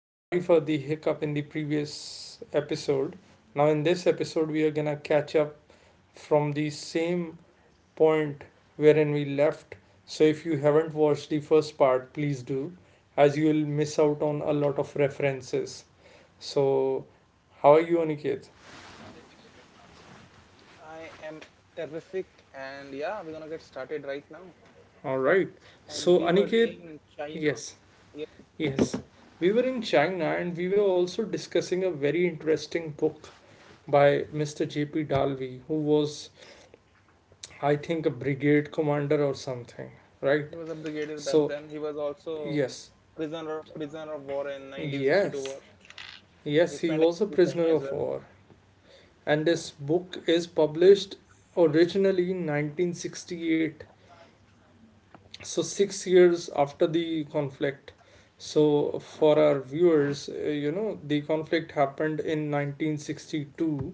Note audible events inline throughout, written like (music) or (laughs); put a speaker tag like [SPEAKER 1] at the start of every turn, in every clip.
[SPEAKER 1] sorry for the hiccup in the previous episode. Now, in this episode, we are gonna catch up from the same point wherein we left. So, if you haven't watched the first part, please do, as you will miss out on a lot of references. So, how are you, Aniket?
[SPEAKER 2] I am terrific, and yeah, we're gonna get started right now.
[SPEAKER 1] All right.
[SPEAKER 2] And we were
[SPEAKER 1] So,
[SPEAKER 2] in
[SPEAKER 1] Aniket,
[SPEAKER 2] China.
[SPEAKER 1] yes,
[SPEAKER 2] Yeah,
[SPEAKER 1] yes, we were in China and we were also discussing a very interesting book by Mr. J.P. Dalvi, who was, I think, a brigade commander or something, right?
[SPEAKER 2] he was a brigadier back
[SPEAKER 1] So,
[SPEAKER 2] then. He was also
[SPEAKER 1] yes,
[SPEAKER 2] prisoner of war in 1962
[SPEAKER 1] yes,
[SPEAKER 2] war.
[SPEAKER 1] yes,
[SPEAKER 2] He
[SPEAKER 1] he
[SPEAKER 2] spent a
[SPEAKER 1] was a
[SPEAKER 2] year in
[SPEAKER 1] prisoner
[SPEAKER 2] China as
[SPEAKER 1] of
[SPEAKER 2] well.
[SPEAKER 1] war. And this book is published originally in 1968, so 6 years after the conflict. So, for our viewers, the conflict happened in 1962,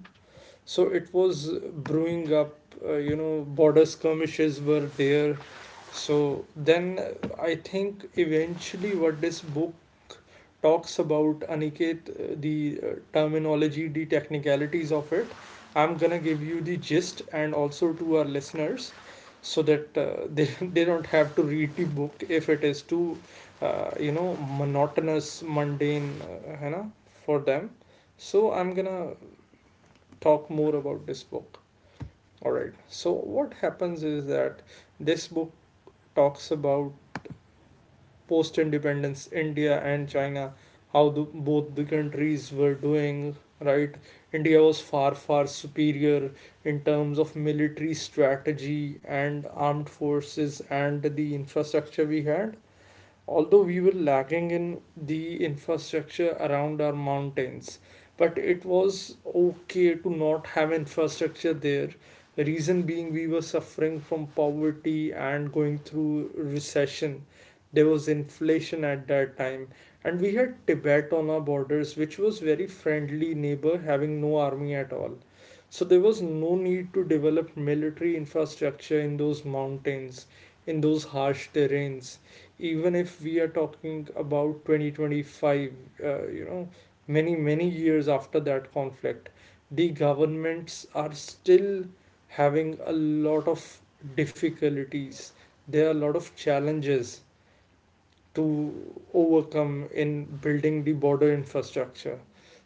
[SPEAKER 1] so it was brewing up. Border skirmishes were there. So then, I think eventually what this book talks about, Aniket, the terminology, the technicalities of it, I'm gonna give you the gist and also to our listeners, so that (laughs) they don't have to read the book if it is too monotonous, mundane, for them. So I'm gonna talk more about this book. All right. So what happens is that this book talks about post-independence India and China, how both the countries were doing. Right, India was far far superior in terms of military strategy and armed forces and the infrastructure we had, although we were lagging in the infrastructure around our mountains. But it was okay to not have infrastructure there, reason being we were suffering from poverty and going through recession. There was inflation at that time, and we had Tibet on our borders, which was very friendly neighbor, having no army at all. So there was no need to develop military infrastructure in those mountains, in those harsh terrains. Even if we are talking about 2025, uh, you know many many years after that conflict, the governments are still having a lot of difficulties. There are a lot of challenges to overcome in building the border infrastructure.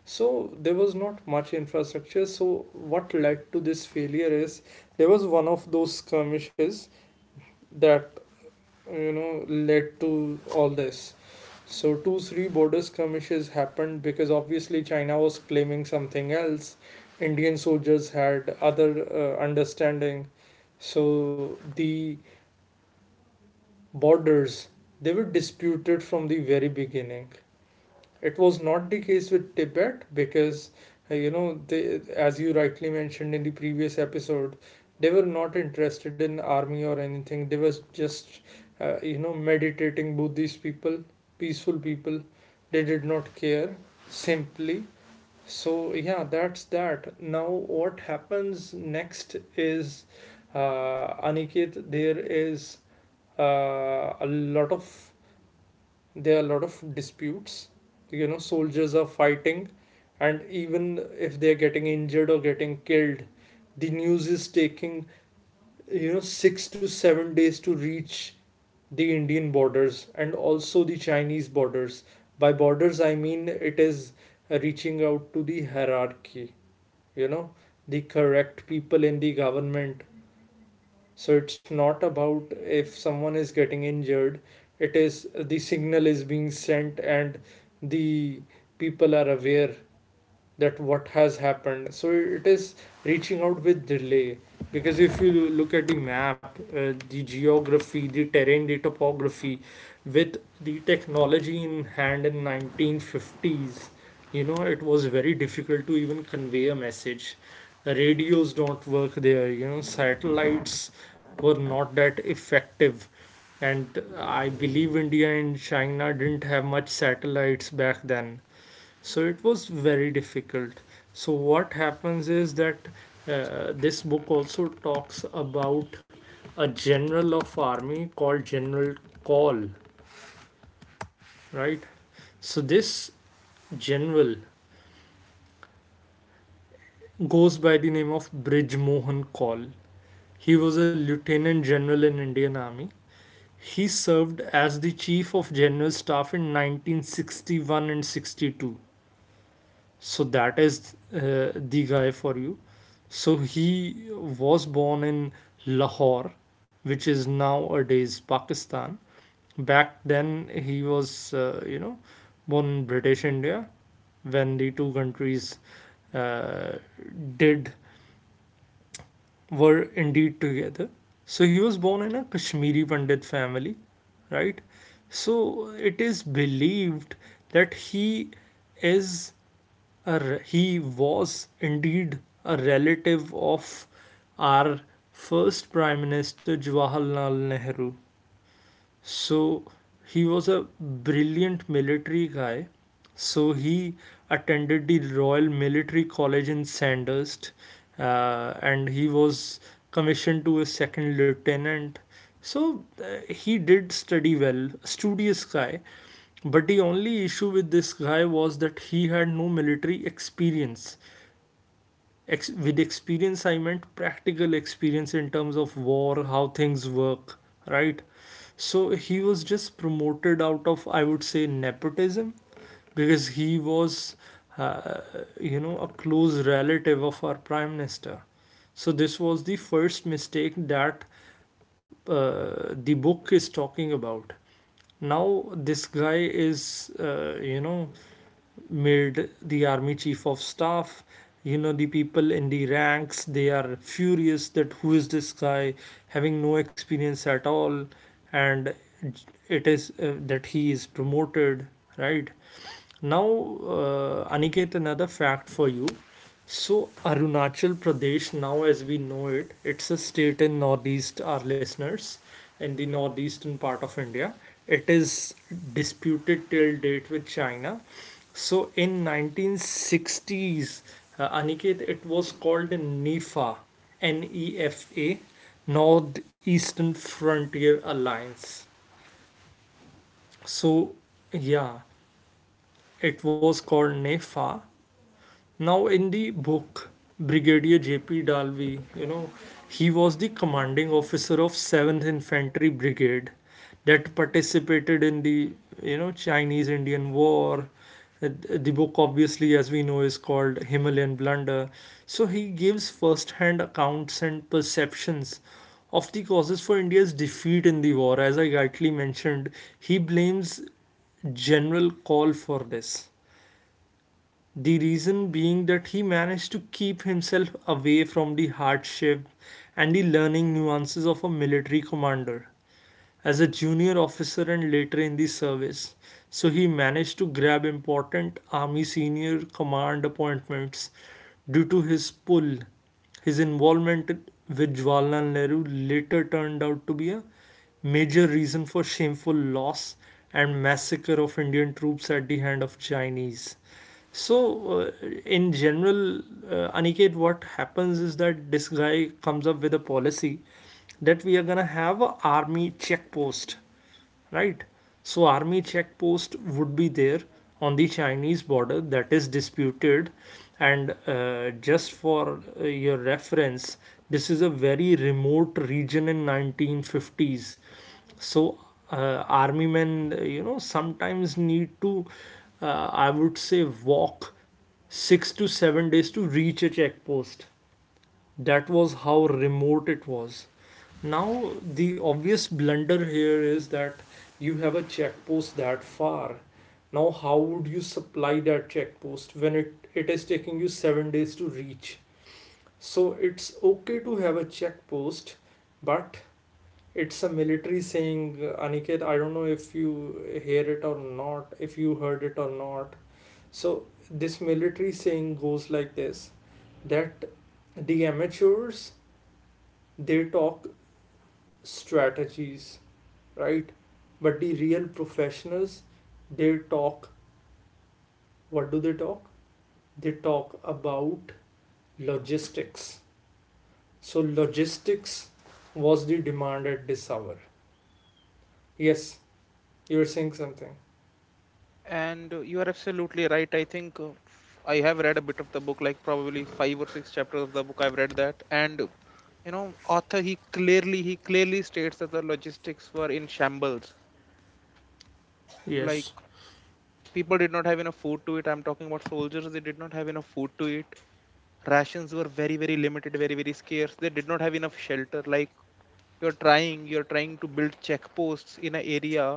[SPEAKER 1] So there was not much infrastructure. So what led to this failure is, there was one of those skirmishes that led to all this. So two three border skirmishes happened because obviously China was claiming something else. Indian soldiers had other understanding. So the borders, they were disputed from the very beginning. It was not the case with Tibet because, they, as you rightly mentioned in the previous episode, they were not interested in army or anything. They was just, meditating Buddhist people, peaceful people. They did not care simply. So yeah, that's that. Now what happens next is, Aniket, there is a lot of there are a lot of disputes. Soldiers are fighting, and even if they're getting injured or getting killed, the news is taking 6 to 7 days to reach the Indian borders and also the Chinese borders. By borders I mean it is reaching out to the hierarchy, you know the correct people in the government. So it's not about if someone is getting injured, it is the signal is being sent and the people are aware that what has happened. So it is reaching out with delay because if you look at the map, the geography, the terrain, the topography, with the technology in hand in 1950s, it was very difficult to even convey a message. The radios don't work there. Satellites were not that effective. And I believe India and China didn't have much satellites back then, so it was very difficult. So what happens is that, this book also talks about a general of army called general call, right? So this general goes by the name of Bridge Mohan Kaul. He was a lieutenant general in Indian Army. He served as the chief of general staff in 1961 and 62. So that is the guy for you. So he was born in Lahore, which is nowadays Pakistan. Back then, he was, born in British India when the two countries uh, did were indeed together. So he was born in a Kashmiri Pandit family, right? So it is believed that is a he was indeed a relative of our first Prime Minister Jawaharlal Nehru. So he was a brilliant military guy. So he attended the Royal Military College in Sandhurst, and he was commissioned to a second lieutenant. So he did study well, studious guy. But the only issue with this guy was that he had no military experience. With experience I meant practical experience in terms of war, how things work, right? So he was just promoted out of, I would say, nepotism, because he was, uh, a close relative of our prime minister. So this was the first mistake that the book is talking about. Now this guy is, made the army chief of staff. The people in the ranks, they are furious that who is this guy having no experience at all, and it is that he is promoted, right? Now, Aniket, another fact for you. So, Arunachal Pradesh, now as we know it, it's a state in northeast, our listeners, in the northeastern part of India. It is disputed till date with China. So, in 1960s, Aniket, it was called NEFA, NEFA, Northeastern Frontier Alliance. So, yeah, it was called NEFA. Now, in the book, Brigadier J.P. Dalvi, he was the commanding officer of 7th Infantry Brigade that participated in the, Chinese Indian War. Uh, The book, obviously, as we know, is called Himalayan Blunder. So, he gives first hand accounts and perceptions of the causes for India's defeat in the war. As I rightly mentioned, he blames General Call for this, the reason being that he managed to keep himself away from the hardship and the learning nuances of a military commander as a junior officer and later in the service. So he managed to grab important army senior command appointments due to his pull. His involvement with Jawaharlal Nehru later turned out to be a major reason for shameful loss and massacre of Indian troops at the hand of Chinese. So, in general, Aniket, what happens is that this guy comes up with a policy that we are gonna have a army checkpost, right? So army checkpost would be there on the Chinese border that is disputed. And just for your reference, this is a very remote region in 1950s. So army men, sometimes need to, uh, I would say, walk 6 to 7 days to reach a checkpost. That was how remote it was. Now, the obvious blunder here is that you have a check post that far. Now, how would you supply that check post when it is taking you 7 days to reach? So, it's okay to have a check post, but it's a military saying, Aniket. I don't know if you hear it or not, if you heard it or not. So, this military saying goes like this, that the amateurs, they talk strategies, right? But the real professionals, they talk, what do they talk? They talk about logistics. So logistics was the demand at this hour. Yes, you were saying something.
[SPEAKER 2] And you are absolutely right. I think I have read a bit of the book, like probably five or six chapters of the book. I've read that, and author he clearly states that the logistics were in shambles. Like
[SPEAKER 1] Yes,
[SPEAKER 2] people did not have enough food to eat. I'm talking about soldiers. They did not have enough food to eat. Rations were very very limited, very very scarce. They did not have enough shelter. Like you're trying to build checkposts in an area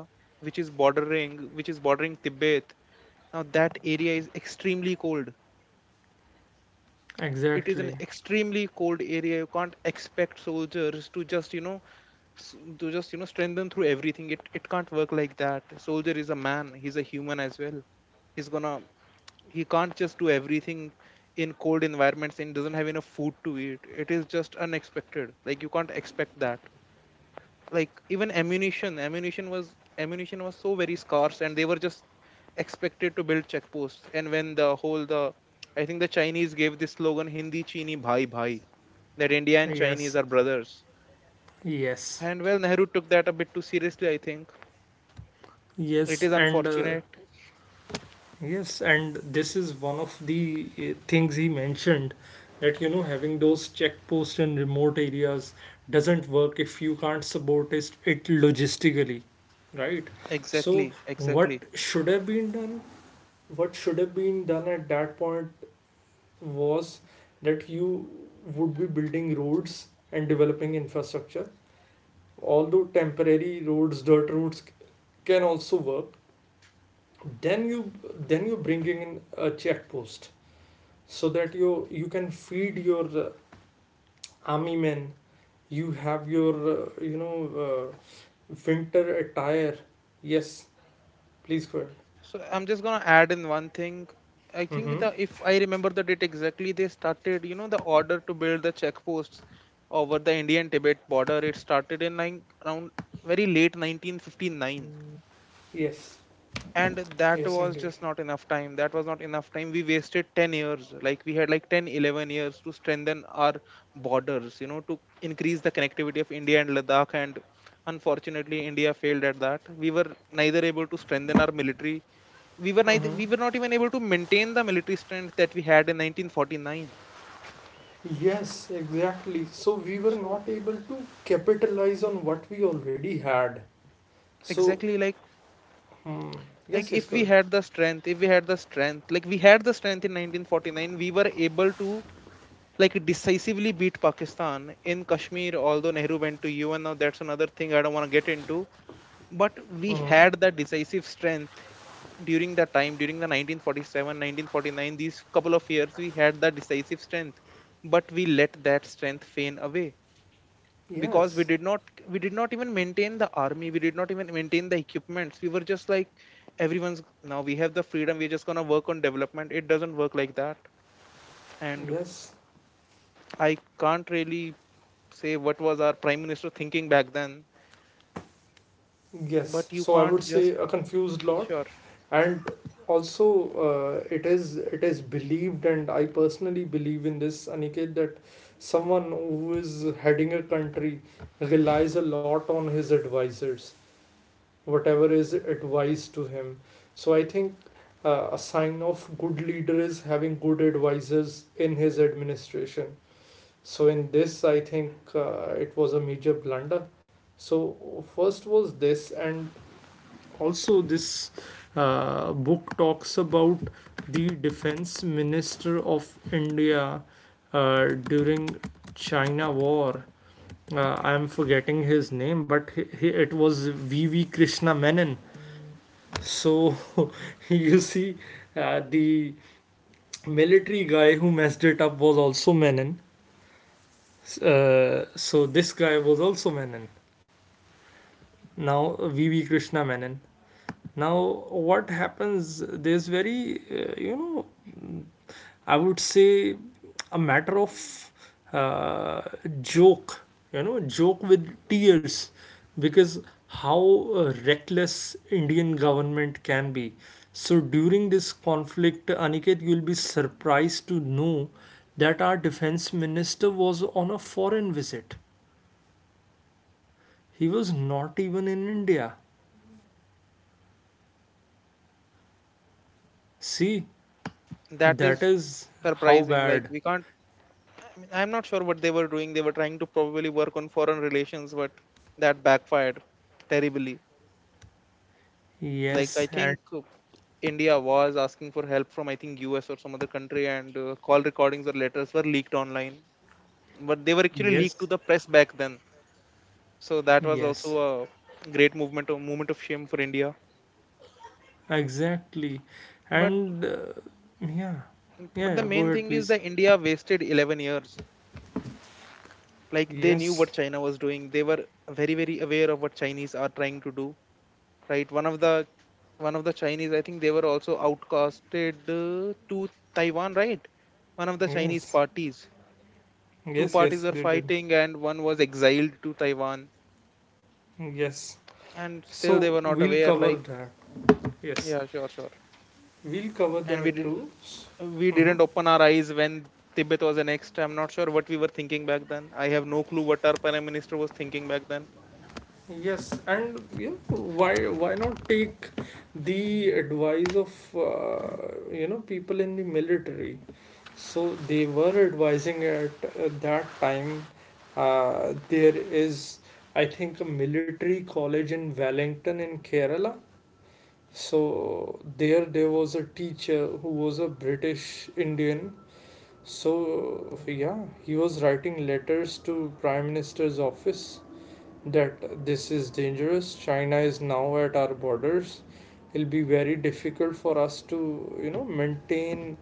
[SPEAKER 2] which is bordering Tibet. Now that area is extremely cold. It is an
[SPEAKER 1] exactly.
[SPEAKER 2] extremely cold area. You can't expect soldiers to just, you know, to just, you know, strengthen through everything. It can't work like that. Soldier is a man, he's a human as well. He's gonna, he can't just do everything in cold environments and doesn't have enough food to eat. It is just unexpected. Like you can't expect that. Like even ammunition was so very scarce and they were just expected to build checkposts. And when the whole the I think the Chinese gave this slogan, hindi chini bhai bhai, that India and Chinese
[SPEAKER 1] Yes,
[SPEAKER 2] are brothers.
[SPEAKER 1] yes,
[SPEAKER 2] And well, Nehru took that a bit too seriously I think. It
[SPEAKER 1] yes.
[SPEAKER 2] is
[SPEAKER 1] And
[SPEAKER 2] unfortunate.
[SPEAKER 1] yes, and this is one of the things he mentioned that having those checkposts in remote areas doesn't work if you can't support it logistically, right? So
[SPEAKER 2] Exactly.
[SPEAKER 1] what
[SPEAKER 2] Exactly.
[SPEAKER 1] should have been done? What should have been done at that point was that you would be building roads and developing infrastructure. Although temporary roads, dirt roads can also work, then you, then you're bringing in a checkpost so that you can feed your army men. You have your uh, winter attire. Yes, please go ahead.
[SPEAKER 2] So I'm just gonna add in one thing. I think
[SPEAKER 1] Mm-hmm.
[SPEAKER 2] the if I remember the date exactly, they started, you know, the order to build the check posts over the Indian Tibet border. It started in like around very late 1959,
[SPEAKER 1] Yes,
[SPEAKER 2] and that
[SPEAKER 1] yes,
[SPEAKER 2] was
[SPEAKER 1] indeed.
[SPEAKER 2] just not enough time. That was not enough time. We wasted 10 years. Like we had like 10, 11 years to strengthen our borders, you know, to increase the connectivity of India and Ladakh. And unfortunately, India failed at that. We were neither able to strengthen our military. We were neither, we were
[SPEAKER 1] Mm-hmm.
[SPEAKER 2] not even able to maintain the military strength that we had in 1949.
[SPEAKER 1] Yes, exactly, so we were
[SPEAKER 2] So
[SPEAKER 1] not able to capitalize on what we already had. So,
[SPEAKER 2] exactly. like
[SPEAKER 1] hmm.
[SPEAKER 2] like
[SPEAKER 1] Yes, yes.
[SPEAKER 2] if we
[SPEAKER 1] Good.
[SPEAKER 2] had the strength if we had the strength like we had the strength in 1949, we were able to like decisively beat Pakistan in Kashmir, although Nehru went to UN. Now that's another thing, I don't want to get into. But
[SPEAKER 1] Ahead.
[SPEAKER 2] we
[SPEAKER 1] Mm-hmm.
[SPEAKER 2] had that decisive strength during that time, during the 1947, 1949, these couple of years we had that decisive strength. But we let that strength fade away because we
[SPEAKER 1] Yes,
[SPEAKER 2] did not, we did not even maintain the army, we did not even maintain the equipments. We were just like, everyone's, now we have the freedom, we're just going to work on development. It doesn't work like that. And
[SPEAKER 1] yes.
[SPEAKER 2] I can't really say what was our prime minister thinking back then. But
[SPEAKER 1] Yes,
[SPEAKER 2] you
[SPEAKER 1] so I
[SPEAKER 2] can't
[SPEAKER 1] would say
[SPEAKER 2] just,
[SPEAKER 1] a confused lot,
[SPEAKER 2] sure.
[SPEAKER 1] and also, it is, it is believed, and I personally believe in this, Aniket, that someone who is heading a country relies a lot on his advisors, whatever is advised to him. So I think a sign of good leader is having good advisors in his administration. So in this, I think it was a major blunder. So first was this, and also this book talks about the defense minister of india uh, during china war, I am forgetting his name but it was V V krishna menon. So (laughs) you see, the military guy who messed it up was also Menon. So this guy was also Menon. Now V V krishna menon. Now, what happens? There's very, mm, I would say a matter of uh, joke, joke with tears, because how reckless Indian government can be. So during this conflict, Aniket, you'll be surprised to know that our defense minister was on a foreign visit. He was not even in India. See,
[SPEAKER 2] That
[SPEAKER 1] that
[SPEAKER 2] is
[SPEAKER 1] is how
[SPEAKER 2] surprising, like
[SPEAKER 1] bad.
[SPEAKER 2] we can't, I mean, I'm not sure what they were doing. They were trying to probably work on foreign relations, but that backfired terribly. Like I
[SPEAKER 1] Yes, and
[SPEAKER 2] think India was asking for help from I think US or some other country, and call recordings or letters were leaked online, but they were actually leaked to
[SPEAKER 1] yes,
[SPEAKER 2] the press back then. So that was
[SPEAKER 1] yes,
[SPEAKER 2] also a great movement, a moment of shame for India.
[SPEAKER 1] exactly.
[SPEAKER 2] But
[SPEAKER 1] And yeah, yeah,
[SPEAKER 2] but the
[SPEAKER 1] yeah, go
[SPEAKER 2] main
[SPEAKER 1] ahead,
[SPEAKER 2] thing is
[SPEAKER 1] please.
[SPEAKER 2] that India wasted 11 years. Like they knew
[SPEAKER 1] Yes,
[SPEAKER 2] what China was doing. They were very very aware of what Chinese are trying to do. Right. One of the Chinese, I think they were also outcasted to Taiwan. Right. One of the Chinese
[SPEAKER 1] yes,
[SPEAKER 2] parties, two
[SPEAKER 1] yes,
[SPEAKER 2] parties
[SPEAKER 1] yes,
[SPEAKER 2] were
[SPEAKER 1] they did.
[SPEAKER 2] fighting and one was exiled to Taiwan,
[SPEAKER 1] Yes.
[SPEAKER 2] and still they
[SPEAKER 1] So
[SPEAKER 2] were not
[SPEAKER 1] we'll
[SPEAKER 2] aware.
[SPEAKER 1] cover
[SPEAKER 2] Like,
[SPEAKER 1] that. Yes,
[SPEAKER 2] yeah, sure, sure.
[SPEAKER 1] we'll cover
[SPEAKER 2] And
[SPEAKER 1] that too.
[SPEAKER 2] we
[SPEAKER 1] Mm-hmm.
[SPEAKER 2] didn't open our eyes when Tibet was annexed. I'm not sure what we were thinking back then. I have no clue what our prime minister was thinking back then.
[SPEAKER 1] Yes, and you know, why not take the advice of you know people in the military? So they were advising at that time. There is, I think, a military college in Wellington in Kerala. So there was a teacher who was a British Indian. So yeah, he was writing letters to Prime Minister's office that this is dangerous. China is now at our borders. It'll be very difficult for us to, you know, maintain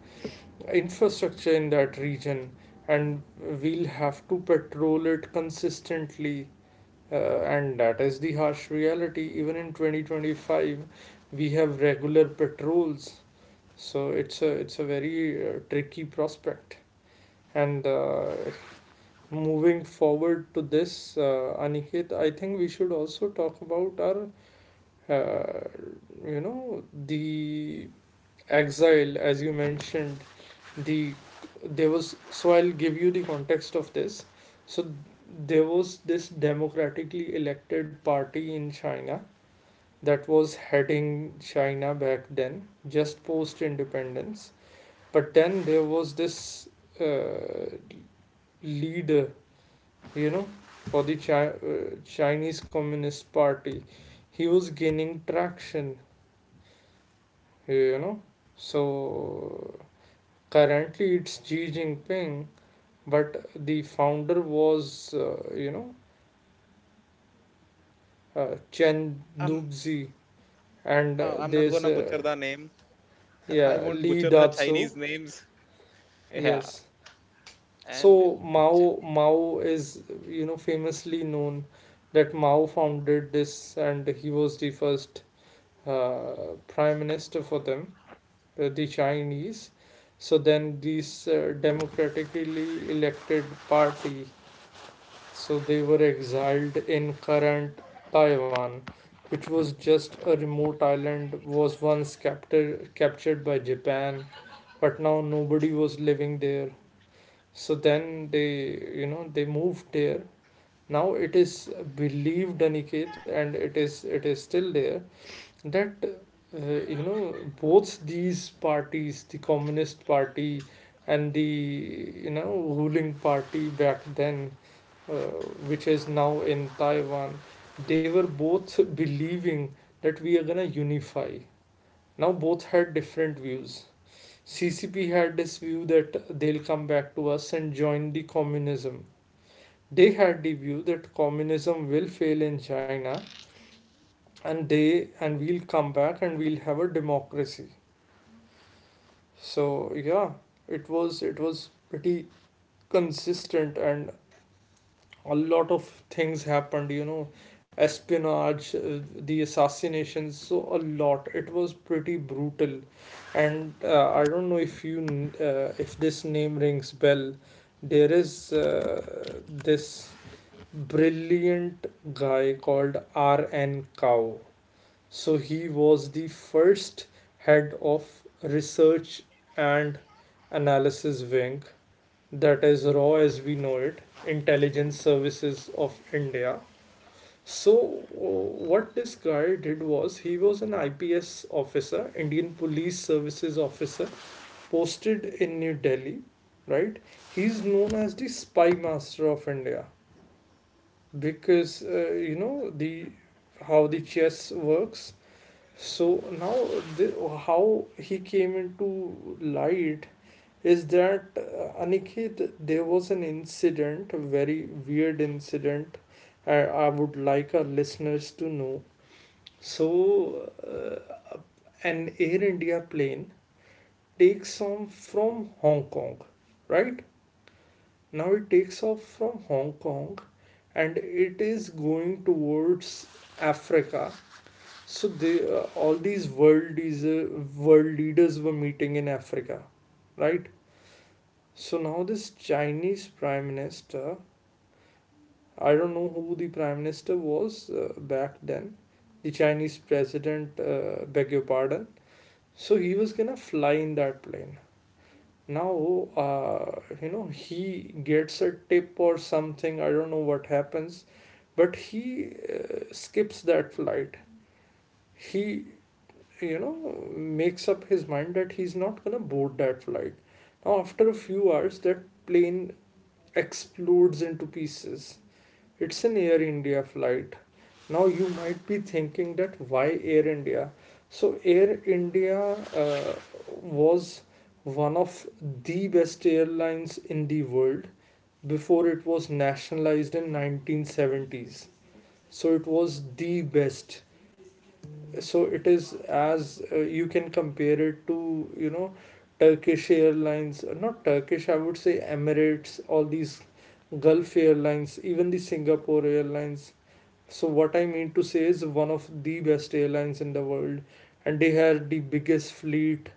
[SPEAKER 1] infrastructure in that region, and we'll have to patrol it consistently. And that is the harsh reality. Even in 2025, we have regular patrols, so it's a very tricky prospect. And Moving forward to this, Aniket, I think we should also talk about our, uh, the exile, as you mentioned. The there was so I'll give you the context of this. So there was this democratically elected party in China that was heading China back then, just post independence. But then there was this uh, leader, you know, for the Chinese Communist Party. He was gaining traction, you know. So currently it's Xi Jinping, but the founder was, Chen
[SPEAKER 2] I'm
[SPEAKER 1] Duxi, and
[SPEAKER 2] I'm not
[SPEAKER 1] there's
[SPEAKER 2] gonna butcher the name. (laughs) I
[SPEAKER 1] yeah
[SPEAKER 2] won't
[SPEAKER 1] Li
[SPEAKER 2] butcher the
[SPEAKER 1] Datso.
[SPEAKER 2] Chinese names. Yeah.
[SPEAKER 1] Yes. So
[SPEAKER 2] And
[SPEAKER 1] Mao is, you know, famously known that Mao founded this and he was the first prime minister for them, the Chinese. So then these democratically elected party, so they were exiled in current Taiwan, which was just a remote island, was once captured by Japan, but now nobody was living there. So then they, you know, they moved there. Now it is believed, Aniket, and it is still there that uh, you know both these parties, the communist party and the, you know, ruling party back then, uh, which is now in Taiwan, they were both believing that we are going to unify. Now both had different views. CCP had this view that they'll come back to us and join the communism. They had the view that communism will fail in China, and they and we'll come back and we'll have a democracy. So yeah, it was pretty consistent, and a lot of things happened, you know, espionage, the assassinations, so a lot. It was pretty brutal. And I don't know if you if this name rings bell. There is this brilliant guy called R.N. Kao. So he was the first head of research and analysis wing, that is RAW as we know it, Intelligence Services of India. So, what this guy did was he was an IPS officer, Indian Police Services officer, posted in New Delhi, right? He's known as the spy master of India, because you know the how the chess works. So now the, how he came into light is that Aniket, there was an incident, a very weird incident. I would like our listeners to know. So, uh, an Air India plane takes off from Hong Kong, right? Now it takes off from Hong Kong, and it is going towards Africa. So they all these world leaders were meeting in Africa, right? So now this Chinese prime minister, I don't know who the prime minister was back then, the Chinese president, beg your pardon. So he was gonna fly in that plane. Now, he gets a tip or something, I don't know what happens, but he skips that flight. He, you know, makes up his mind that he's not gonna board that flight. Now, after a few hours, that plane explodes into pieces. It's an Air India flight. Now you might be thinking that why Air India? So Air India uh, was one of the best airlines in the world before it was nationalized in 1970s. So it was the best. So it is, as you can compare it to, you know, Turkish Airlines, not Turkish, I would say Emirates, all these Gulf airlines, even the Singapore Airlines. So what I mean to say is one of the best airlines in the world, and they had the biggest fleet,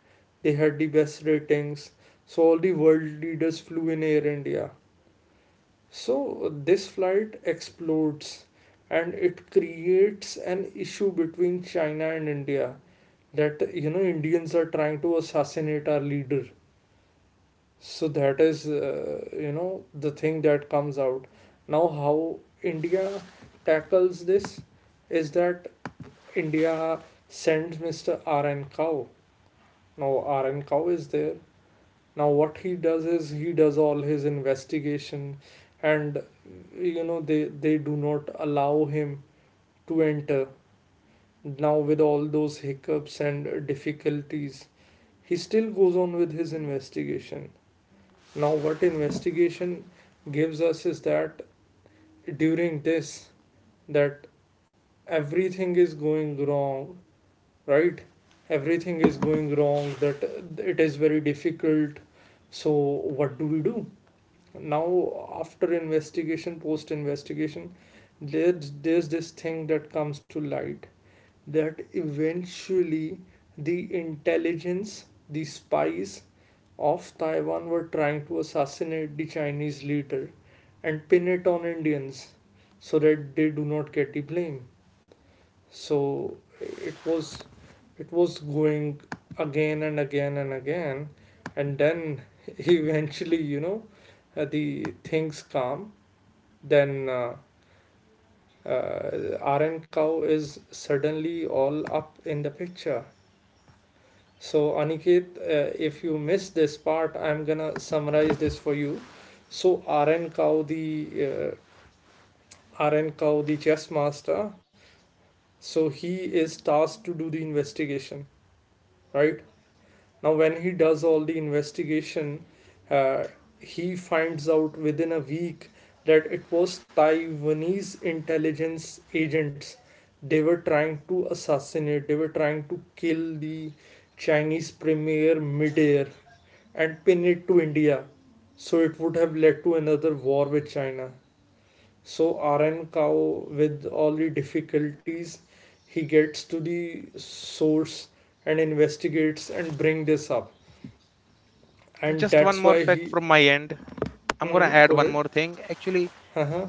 [SPEAKER 1] they had the best ratings. So all the world leaders flew in Air India. So this flight explodes, and it creates an issue between China and India that, you know, Indians are trying to assassinate our leader. So that is you know the thing that comes out. Now how India tackles this is that India sends Mr. RN Kao. Now RN Kao is there. Now what he does is he does all his investigation, and you know they do not allow him to enter. Now with all those hiccups and difficulties, he still goes on with his investigation. Now, what investigation gives us is that during this, that everything is going wrong, right? Everything is going wrong. That it is very difficult. So, what do we do? Now, after investigation, post investigation, there's this thing that comes to light that eventually the intelligence, the spies, of Taiwan were trying to assassinate the Chinese leader and pin it on Indians so that they do not get the blame. So it was going again and again and again, and then (laughs) eventually, you know, the things calm. Then RN cow is suddenly all up in the picture. So, Aniket, if you missed this part, I'm gonna summarize this for you. So, RN Kao, the RN Kao, the chess master, so he is tasked to do the investigation, right? Now, when he does all the investigation, uh, he finds out within a week that it was Taiwanese intelligence agents. They were trying to assassinate, they were trying to kill the Chinese premier midair and pin it to India. So it would have led to another war with China. So RN Kao, with all the difficulties, he gets to the source and investigates and bring this up. And that's why he. Hmm, go ahead. Uh-huh.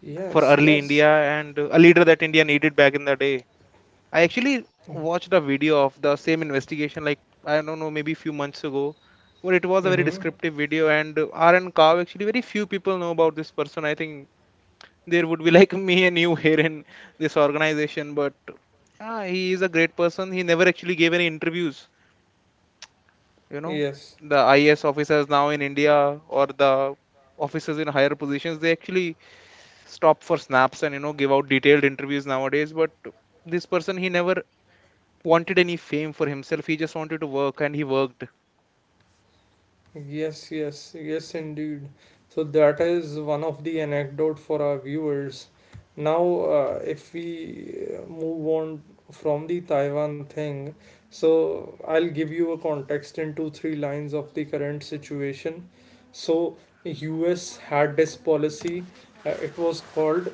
[SPEAKER 1] Yes, yes. Mm-hmm. Yes. Yes, yes, yes, indeed. So that is one of the anecdote for our viewers. Now, if we move on from the Taiwan thing, so I'll give you a context in two, three lines of the current situation. So, US had this policy. It was called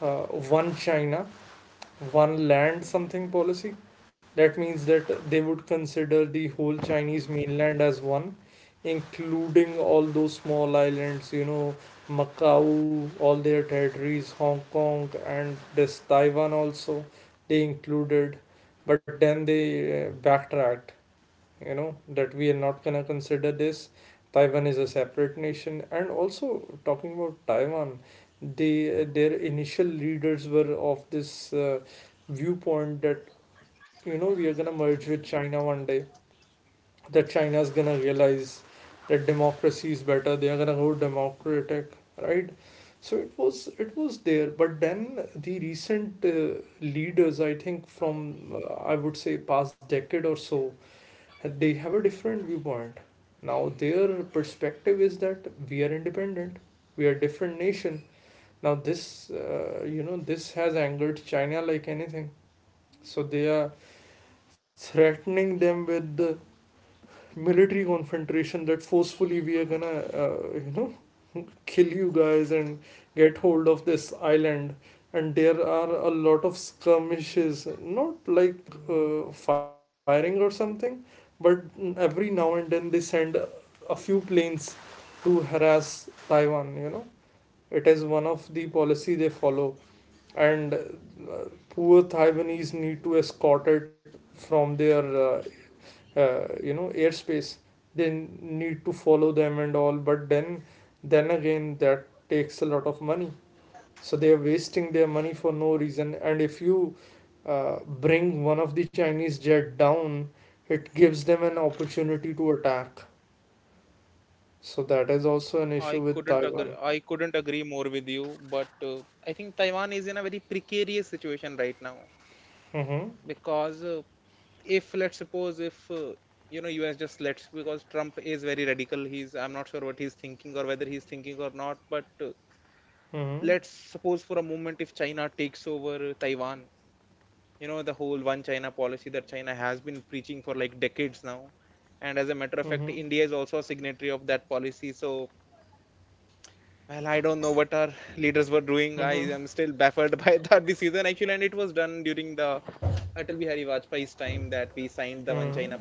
[SPEAKER 1] uh, One China, one land something policy. That means that they would consider the whole Chinese mainland as one, including all those small islands, you know, Macau, all their territories, Hong Kong, and this Taiwan also, they included. But then they backtracked, you know, that we are not gonna consider this. Taiwan is a separate nation. And also, talking about Taiwan, they, their initial leaders were of this viewpoint that, you know, we are gonna merge with China one day, that China is gonna realize that democracy is better, they are gonna go democratic, right? So it was, it was there. But then the recent leaders, I think from, I would say past decade or so, they have a different viewpoint. Now their perspective is that we are independent, we are a different nation. Now this, you know, this has angered China like anything. So they are threatening them with the military confrontation that forcefully we are gonna you know kill you guys and get hold of this island. And there are a lot of skirmishes, not like firing or something, but every now and then they send a few planes to harass Taiwan, you know, it is one of the policy they follow. And poor Taiwanese need to escort it from their uh, you know airspace, they need to follow them and all. But then again, that takes a lot of money. So they are wasting their money for no reason. And if you bring one of the Chinese jet down, it gives them an opportunity to attack. So that is also an issue with Taiwan. Mm-hmm, mm-hmm, mm-hmm, mm-hmm.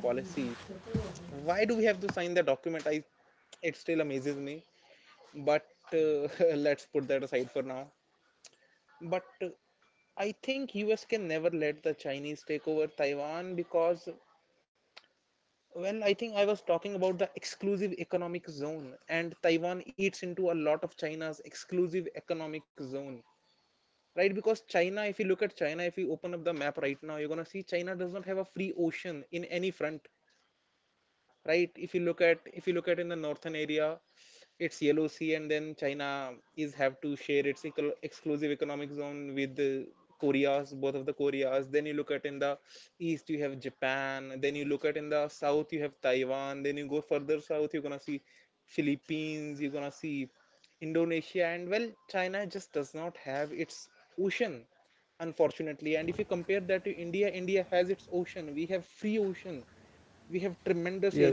[SPEAKER 1] Yes.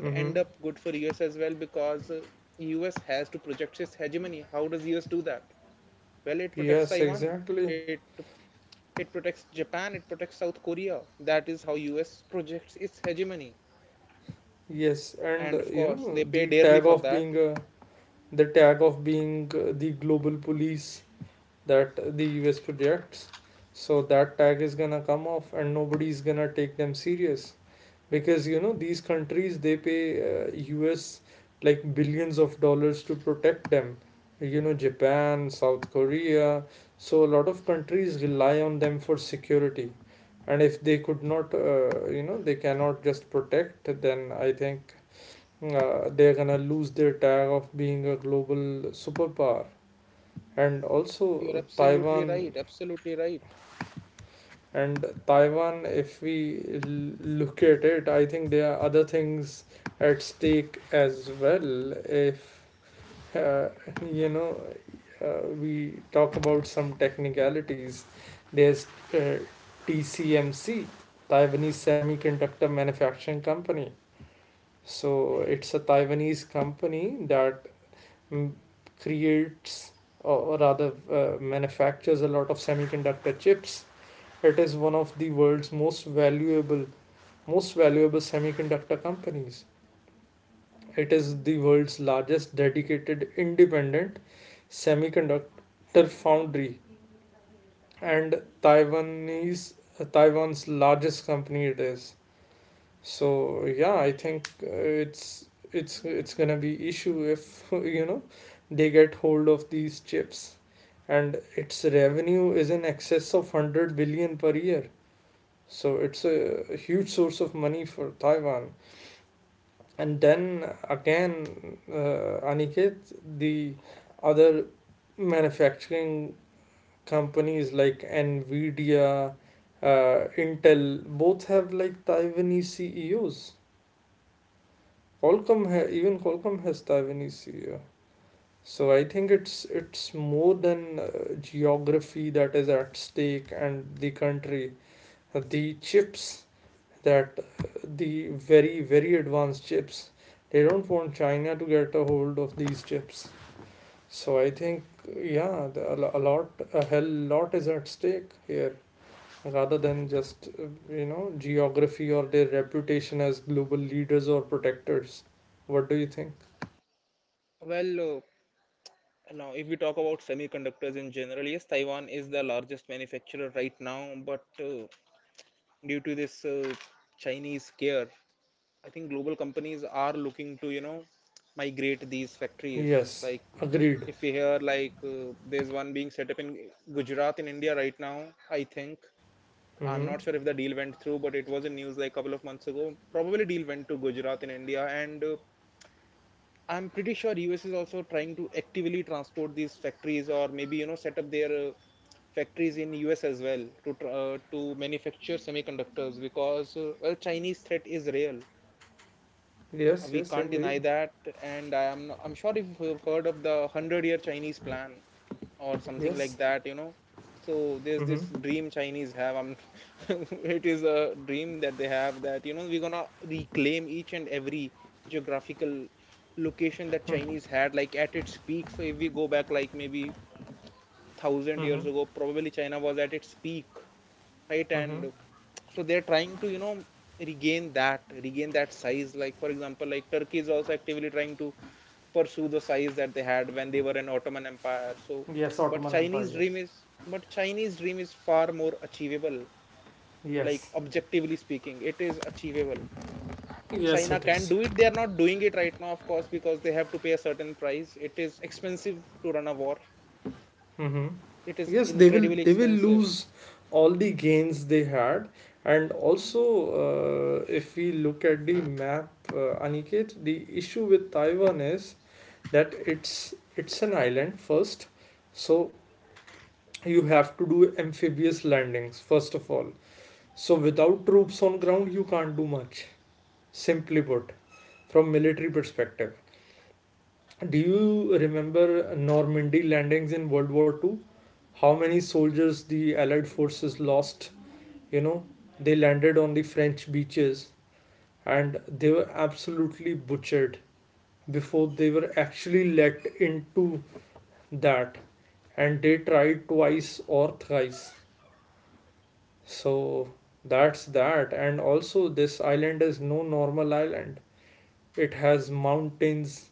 [SPEAKER 1] Mm-hmm. Yes, exactly. Yes, and you know the tag of being a, the tag of being the global police that the US projects. So that tag is gonna come off, and nobody is gonna take them serious because you know these countries they pay US like billions of dollars to protect them. You know Japan, South Korea, so a lot of countries rely on them for security, and if they could not, they cannot just protect, then I think they're gonna lose their tag of being a global superpower, and also Taiwan. And Taiwan, if we look at it, I think there are other things at stake as well. If uh, you know we talk about some technicalities, there's uh, TCMC, Taiwanese Semiconductor Manufacturing Company. So it's a Taiwanese company that mm, creates, or rather manufactures a lot of semiconductor chips. It is one of the world's most valuable semiconductor companies. It is the world's largest dedicated independent semiconductor foundry, and Taiwanese Taiwan's largest company it is. So yeah, I think it's gonna be issue if (laughs) you know they get hold of these chips. And its revenue is in excess of 100 billion per year, so it's a huge source of money for Taiwan. And then again, Aniket, the other manufacturing companies like Nvidia, Intel both have like Taiwanese CEOs. Even Qualcomm has Taiwanese CEO. So I think it's more than geography that is at stake, and the country. The chips that the very very advanced chips, they don't want China to get a hold of these chips. So I think, yeah, a lot, a hell lot is at stake here rather than just geography or their reputation as global leaders or protectors. What do you think? Yes, agreed. Mm-hmm. Yes, yes, indeed. Yes. Mm-hmm. Mm-hmm. Mm-hmm. Yes, Ottoman Empire. Yes. Yes. Yes, it is. Mm-hmm. Yes, they will. They will lose all the gains they had, and also, if we look at the map, Aniket, the issue with Taiwan is that it's an island first, so you have to do amphibious landings first of all. So without troops on ground, you can't do much. Simply put, from military perspective, do you remember Normandy landings in World War Two? How many soldiers the Allied forces lost? You know, they landed on the French beaches and they were absolutely butchered before they were actually let into that. And they tried twice or thrice. So that's that. And also, this island is no normal island. It has mountains,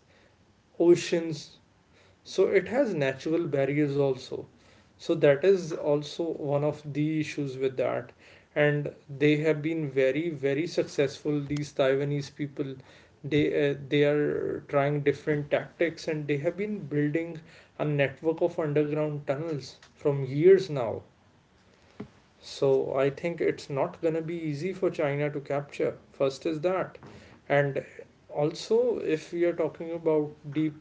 [SPEAKER 1] oceans, so it has natural barriers also. So that is also one of the issues with that. And they have been very, very successful. These Taiwanese people, they are trying different tactics, and they have been building a network of underground tunnels from years now. So I think it's not gonna be easy for China to capture. First is that, and also if we are talking about the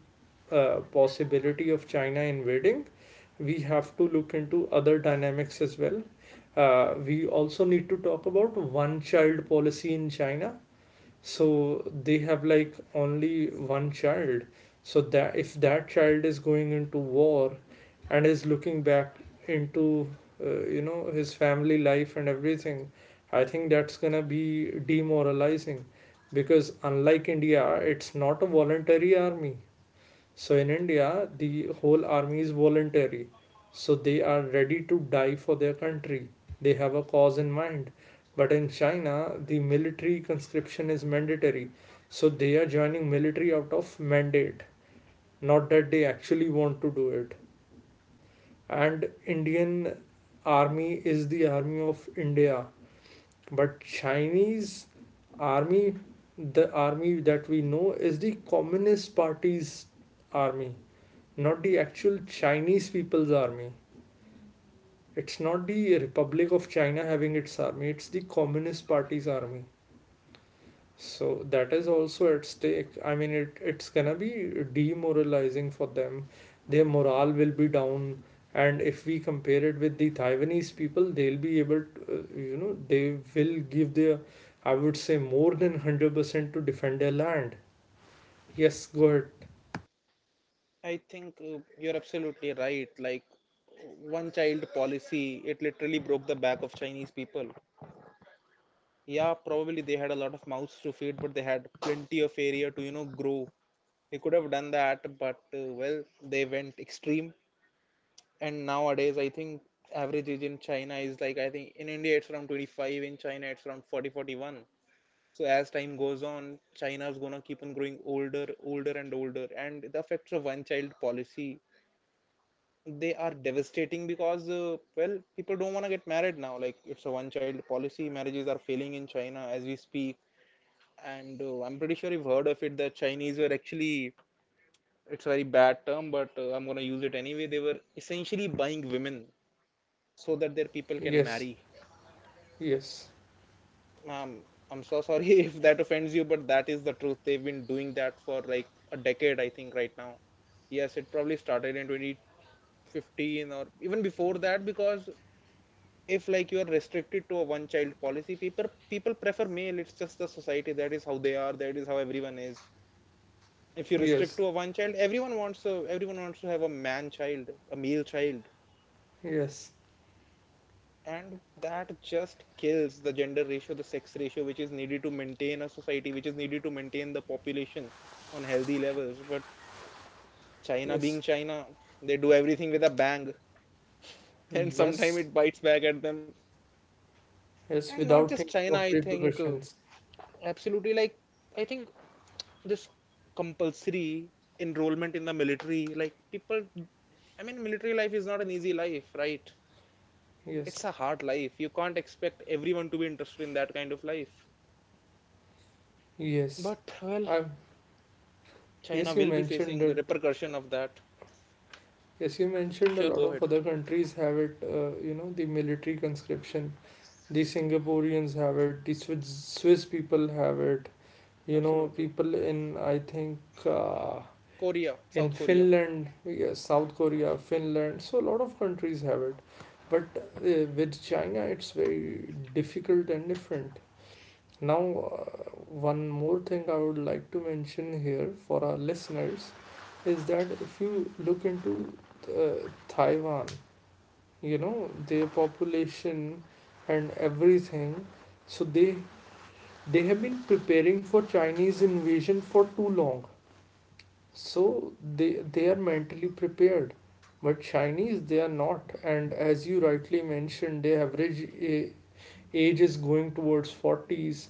[SPEAKER 1] possibility of China invading, we have to look into other dynamics as well. We also need to talk about one child policy in China. So they have like only one child, so that if that child is going into war and is looking back into his family life and everything, I think that's going to be demoralizing because, unlike India, it's not a voluntary army. So in India, the whole army is voluntary. So they are ready to die for their country. They have a cause in mind. But in China, the military conscription is mandatory. So they are joining military out of mandate, not that they actually want to do it. And Indian army is the army of India. But Chinese army, the army that we know, is the Communist Party's army, not the actual Chinese People's Army. It's not the Republic of China having its army, it's the Communist Party's army. So that is also at stake. I mean, it's gonna be demoralizing for them. Their morale will be down. And if we compare it with the Taiwanese people, they'll be able to, they will give their, I would say, more than 100% to defend their land. Yes, go ahead. Yes, yes, yes, yes, yes. Yes, yes, without thinking of repercussions. Yes, yes. I, yes, you mentioned it. Yes, you mentioned a lot of other countries have it. You know, the military conscription. The Singaporeans have it. The Swiss people have it. You know, people in I think uh, in Finland, yes, South Korea, Finland. So a lot of countries have it. But with China, it's very difficult and different. Now, uh, one more thing I would like to mention here for our listeners is that if you look into Taiwan, you know, their population and everything, so they have been preparing for Chinese invasion for too long. So they are mentally prepared, but Chinese they are not. And as you rightly mentioned, the average age is going towards 40s.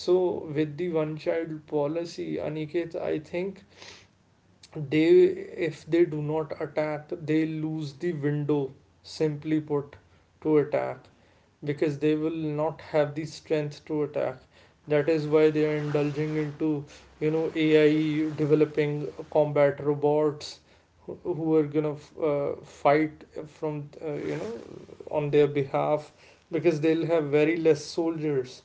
[SPEAKER 1] So with the one child policy, Aniket, I think they, if they do not attack, they lose the window, simply put, to attack, because they will not have the strength to attack. That is why they are indulging into, you know, AI, developing combat robots who are gonna fight from uh, you know on their behalf, because they'll have very less soldiers.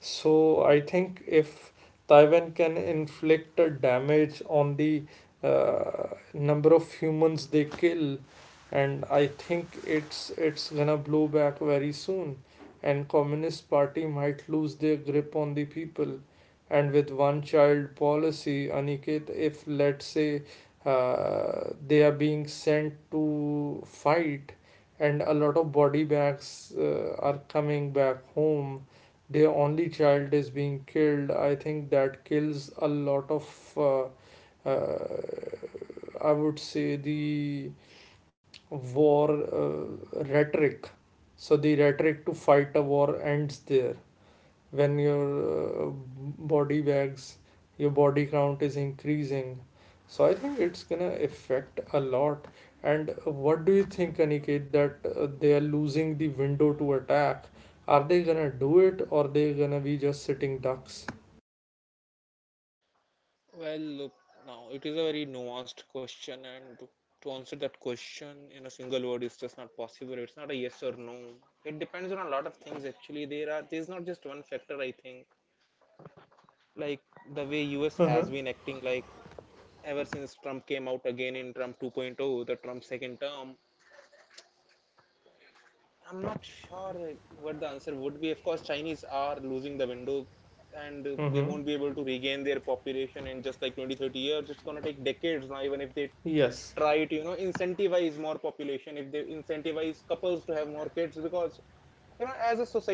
[SPEAKER 1] So I think if Taiwan can inflict a damage on the uh, number of humans they kill, and I think it's gonna blow back very soon, and Communist Party might lose their grip on the people. And with one child policy, Aniket, if let's say they are being sent to fight, and a lot of body bags are coming back home, their only child is being killed, I think that kills a lot of uh, uh, I would say the war rhetoric. So the rhetoric to fight a war ends there when your body bags, your body count is increasing. So I think it's gonna affect a lot. And what do you think, Aniket, that they are losing the window to attack, are they gonna do it, or are they gonna be just sitting ducks? Uh-huh. Mm-hmm. Yes.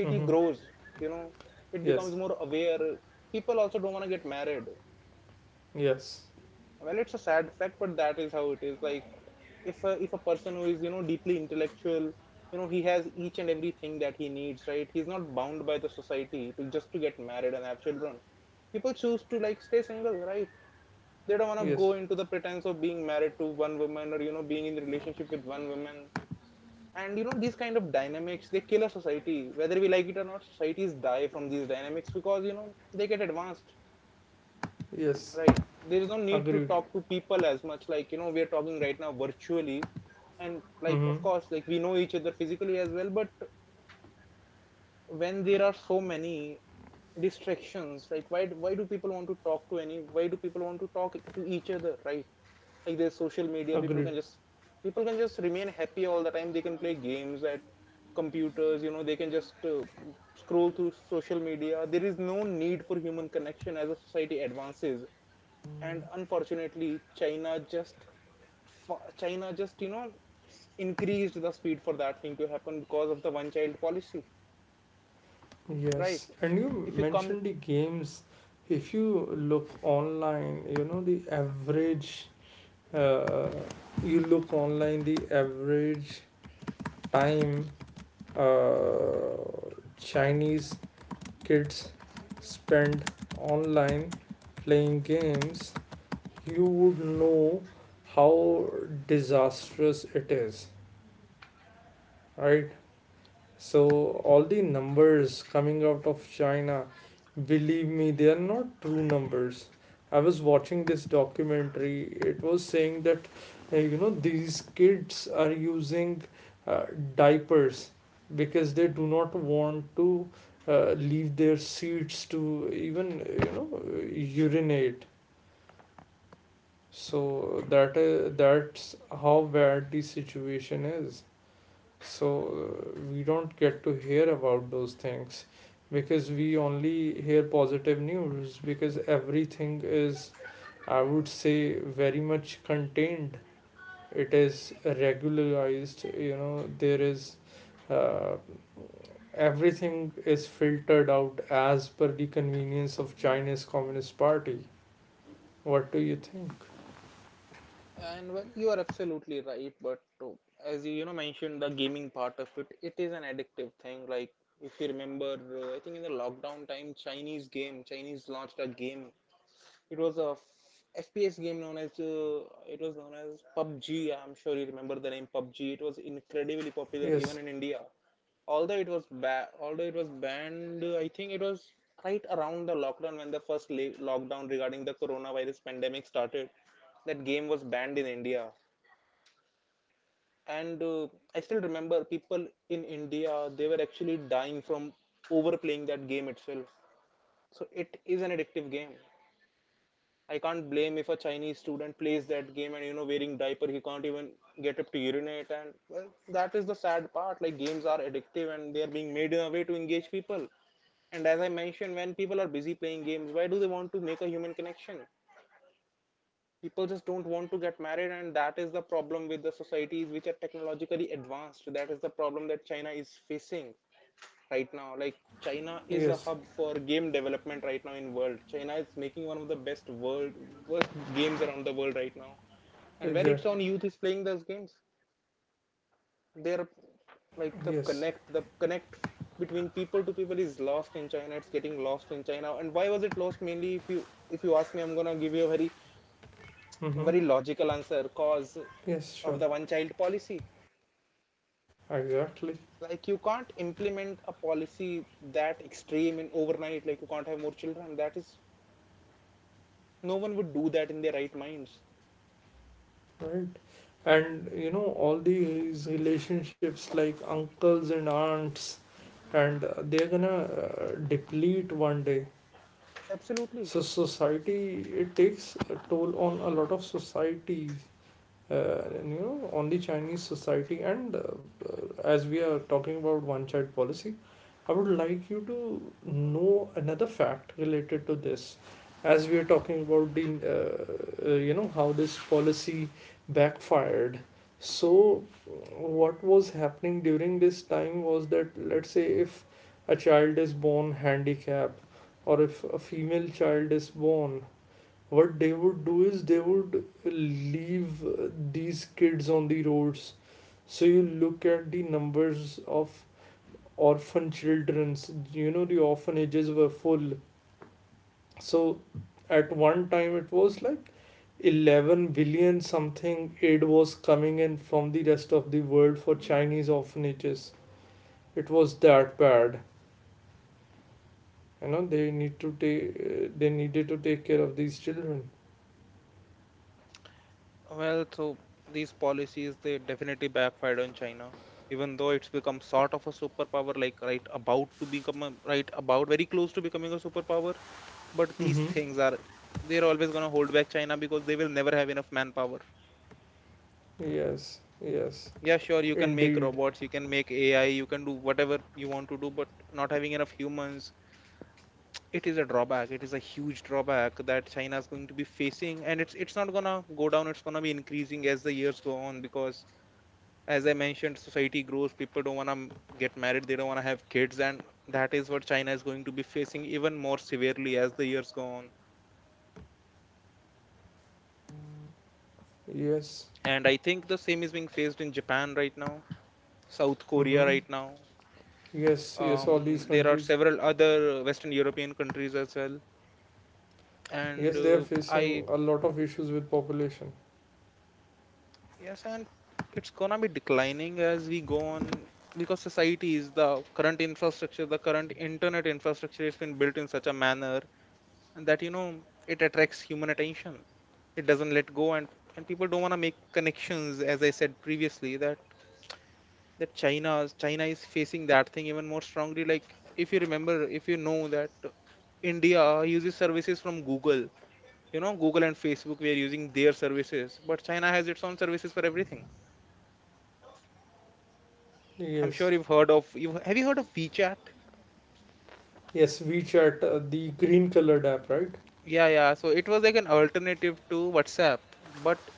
[SPEAKER 1] Mm-hmm. Yes, yes, yes, yes, agreed. Mm-hmm. Agreed. Yes, and you mentioned the games. If you look online, you know, uh, you look online, the average time uh, Chinese kids spend online playing games, you would know how disastrous it is, right? So all the numbers coming out of China, believe me, they are not true numbers. I was watching this documentary. It was saying that these kids are using uh, diapers because they do not want to leave their seats to even urinate. So that's how bad the situation is. So we don't get to hear about those things because we only hear positive news, because everything is, I would say, very much contained. It is regularized. You know, there is uh, everything is filtered out as per the convenience of Chinese Communist Party. What do you think? Yes. Yes. Exactly. Oh, yes. Mm-hmm. Yes. Sure. Exactly. Right. And you know, all these relationships like uncles and aunts, and they're gonna deplete one day. So, society, it takes a toll on a lot of societies. uh, on the Chinese society, and uh, as we are talking about one child policy, I would like you to know another fact related to this. As we are talking about the you know how this policy backfired, so what was happening during this time was that, let's say if a child is born handicapped or if a female child is born, what they would do is they would leave these kids on the roads. So you look at the numbers of orphan children's, you know, the orphanages were full. So at one time it was like 11 billion something aid was coming in from the rest of the world for Chinese orphanages. It was that bad. You know, they needed to take care of these children. Mm-hmm. Yes, yes, indeed. Yes. Mm-hmm. Yes, yes, all these countries. Yes, they are facing a lot of issues with population. Yes, yes, WeChat, the green colored app, right?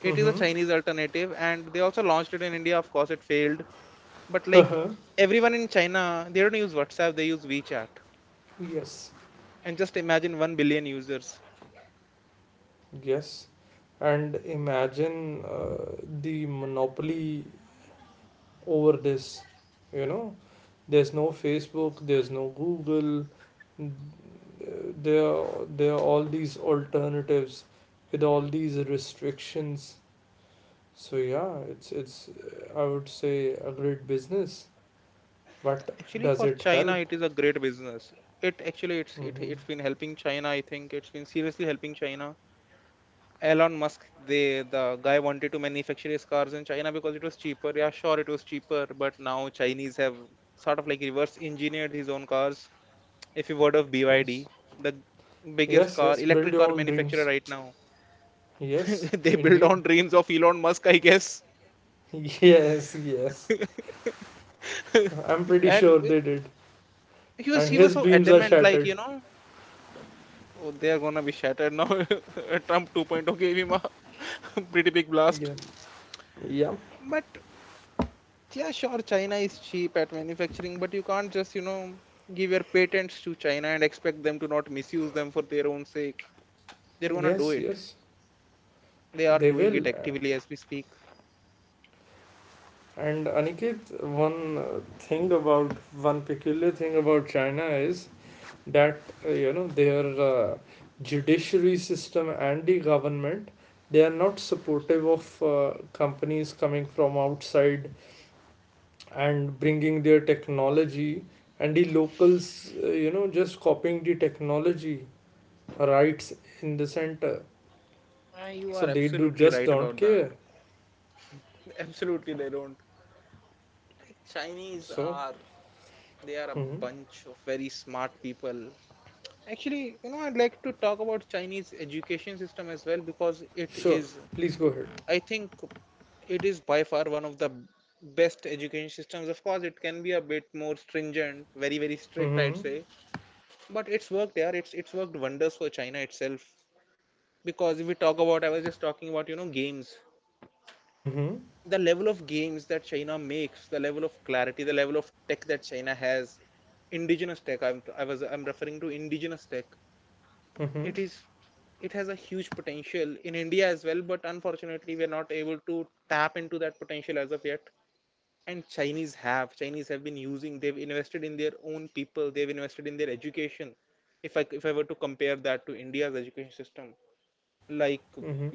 [SPEAKER 1] Mm-hmm. (laughs) Yes, yes. And imagine the monopoly over this. You know, there's no Facebook, there's no Google. n- uh, There, there are all these alternatives with all these restrictions. So yeah, it's I would say a great business, but does it help? Mm-hmm. Yes, yes, yes. Build your own dreams. Yes, indeed. (laughs) Yes, yes. I'm pretty sure they did, and his dreams are shattered. Yeah, yeah. Yes, yes. They will. And Aniket, one uh, thing about one peculiar thing about China is that you know their judiciary system and the government, they are not supportive of companies coming from outside and bringing their technology, and the locals you know just copying the technology rights in the center, so they do just don't care. So mhm. Sure, please go ahead. Mm-hmm. Mm-hmm. Mm-hmm. Mm-hmm.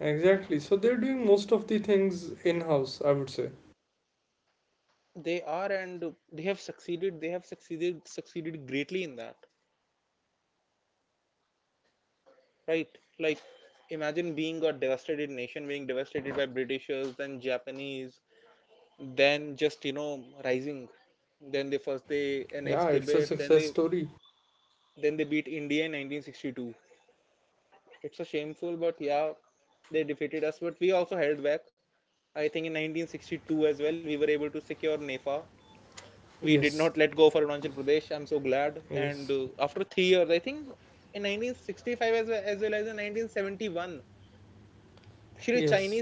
[SPEAKER 1] Exactly, so they're doing most of the things in house, I would say. Yeah, it's a success story. Yes, yes, yes,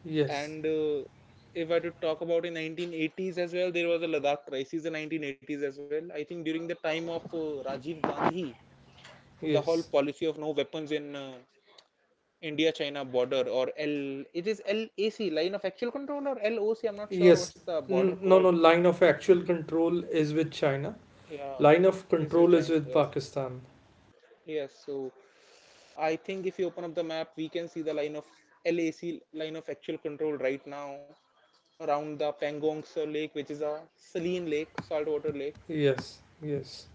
[SPEAKER 1] yes, yes, yes. No, no, line of actual control is with China. Line of control is with Pakistan. Yes, yes,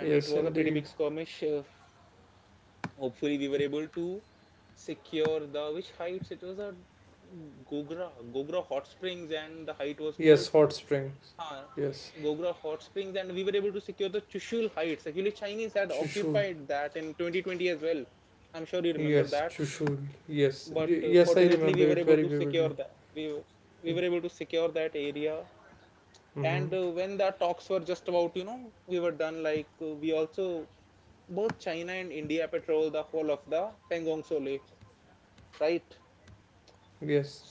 [SPEAKER 1] yes, indeed. Yes, hot springs. Yes, Chushul. Yes, Chushul. Yes, yes, I remember it very vividly. Mm-hmm. Yes.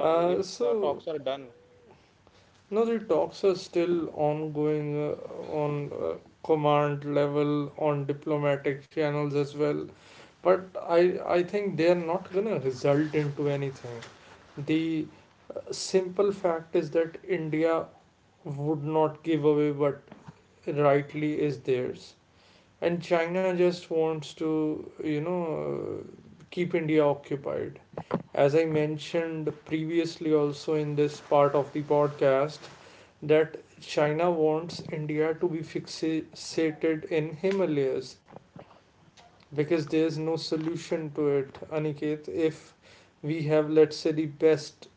[SPEAKER 1] Uh, so No, the talks are still ongoing on command level, on diplomatic channels as well. But I think they are not going to result into anything. The simple fact is that India would not give away what rightly is theirs. And China just wants to, you know, keep India occupied. As I mentioned previously, also in this part of the podcast, that China wants India to be fixated in Himalayas, because there's no solution to it, Aniket. If we have, let's say, the best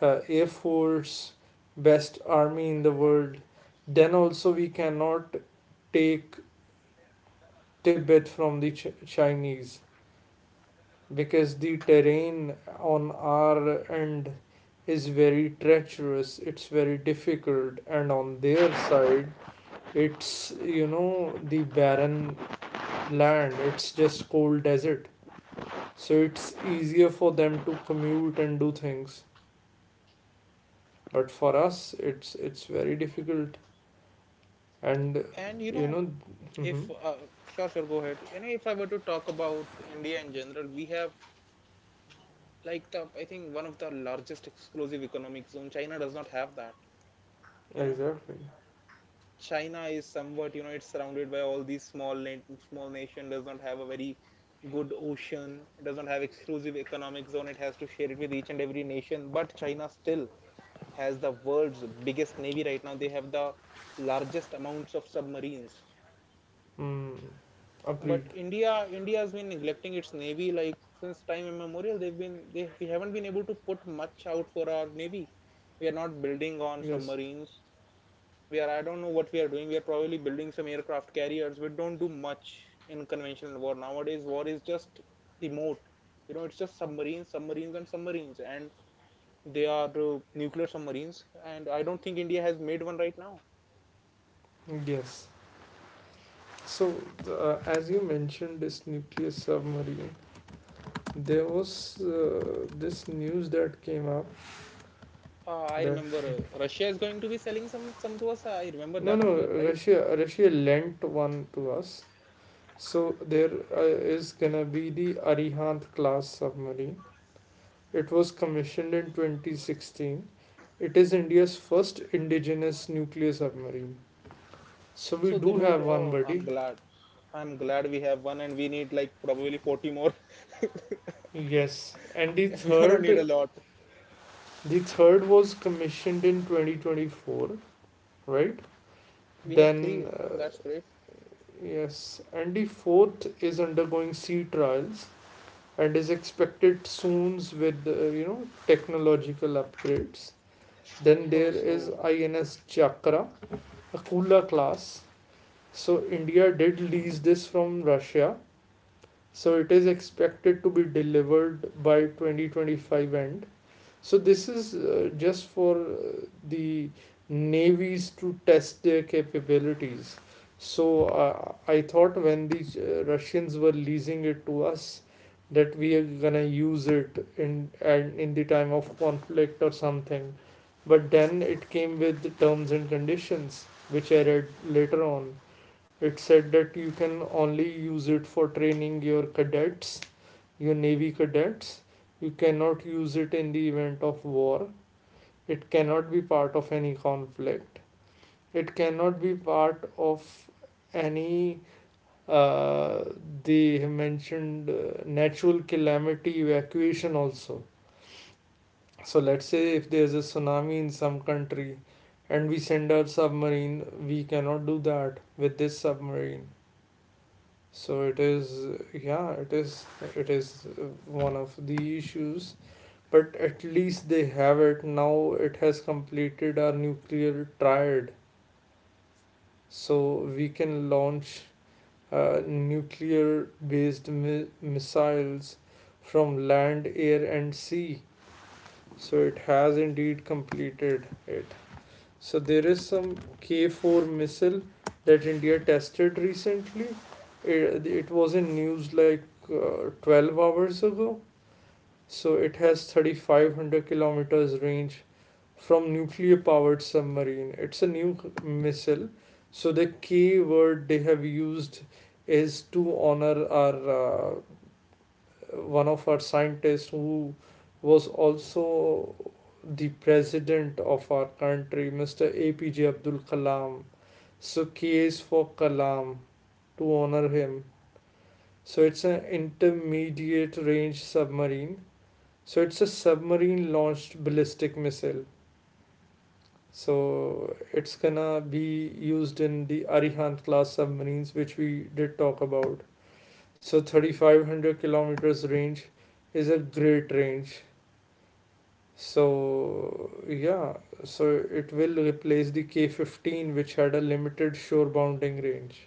[SPEAKER 1] air force, best army in the world, then also we cannot take Tibet from the Chinese, because the terrain on our end is very treacherous, it's very difficult, and on their side it's, you know, the barren land, it's just cold desert. So it's easier for them to commute and do things, but for us it's very difficult. And you know, mhm, exactly, mm, agreed, yes, yes. So as you mentioned this nuclear submarine, there was this news that came up that no, no, russia lent one to us. So there is gonna be the Arihant class submarine. It was commissioned in 2016. It is India's first indigenous nuclear submarine. So we do have one, buddy. Yes. And the third was commissioned in 2024, right? Then yes, and the fourth is undergoing sea trials and is expected soon with you know technological upgrades. Then there is INS Chakra, a Kula class. So India did lease this from Russia. So it is expected to be delivered by 2025 end. So this is just for the navies to test their capabilities. So I thought when the Russians were leasing it to us, that we are gonna use it in the time of conflict or something. But then it came with the terms and conditions, which I read later on. It said that you can only use it for training your cadets, your Navy cadets. You cannot use it in the event of war. It cannot be part of any conflict. It cannot be part of any uh, they mentioned natural calamity evacuation also. So let's say if there's a tsunami in some country and we send our submarine, we cannot do that with this submarine. So it is, yeah, it is, it is one of the issues. But at least they have it now. It has completed our nuclear triad, so we can launch nuclear based missiles from land, air, and sea. So it has indeed completed it. So there is some K 4 missile that India tested recently. It was in news like 12 hours ago. So it has 3,500 kilometers range from nuclear powered submarine. It's a new missile. So the key word they have used is to honor our one of our scientists who was also the president of our country, Mr. APJ Abdul Kalam. So K is for Kalam, to honor him. So it's an intermediate range submarine, so it's a submarine launched ballistic missile. So it's gonna be used in the Arihant class submarines, which we did talk about. So 3,500 kilometers range is a great range. So yeah, so it will replace the K-15, which had a limited shore bounding range.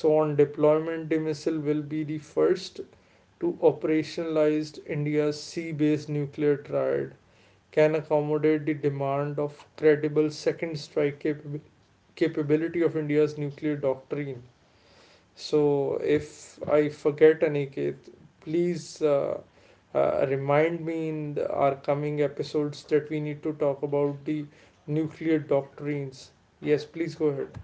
[SPEAKER 1] So on deployment, the missile will be the first to operationalized India's sea-based nuclear triad, can accommodate the demand of credible second strike capability of India's nuclear doctrine. So, if I forget, Aniket, please remind me in our coming episodes that we need to talk about the nuclear doctrines. Yes, please go ahead.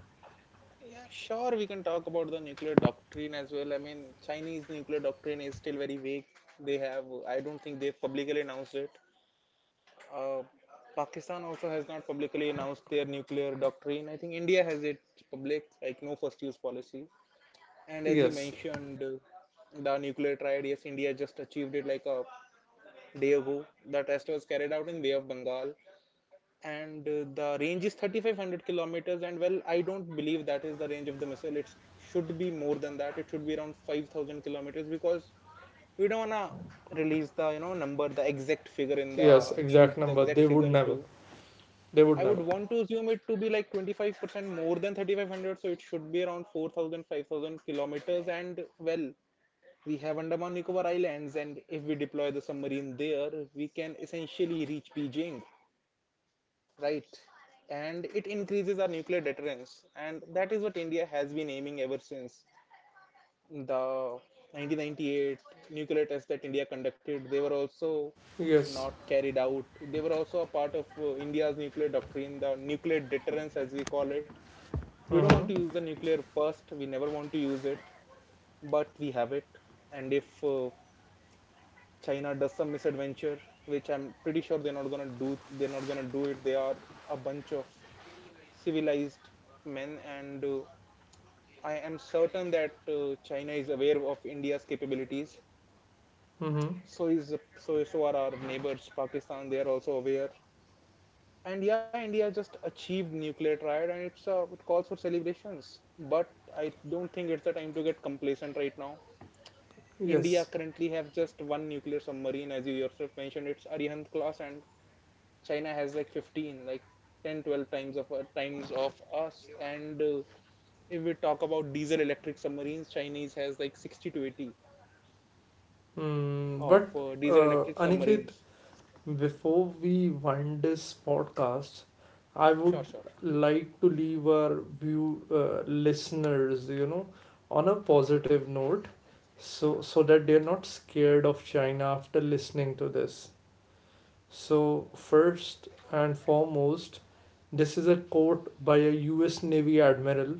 [SPEAKER 1] Yes, yes, exact number. They would never. They would never. Yes. Mm-hmm. Yes. Mm, but Aniket, before we wind this podcast, I would like to leave our view listeners, you know, on a positive note, so that they're not scared of China after listening to this. So first and foremost, this is a quote by a U.S. Navy admiral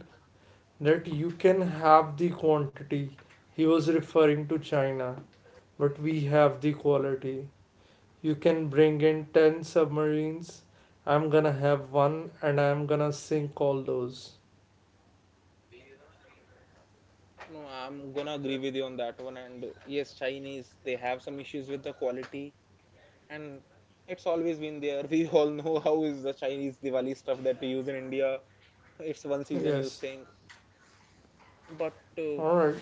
[SPEAKER 1] that you can have the quantity. He was referring to China, but we have the quality. You can bring in 10 submarines. I'm gonna have one and I'm gonna sink all those. Yes. Alright.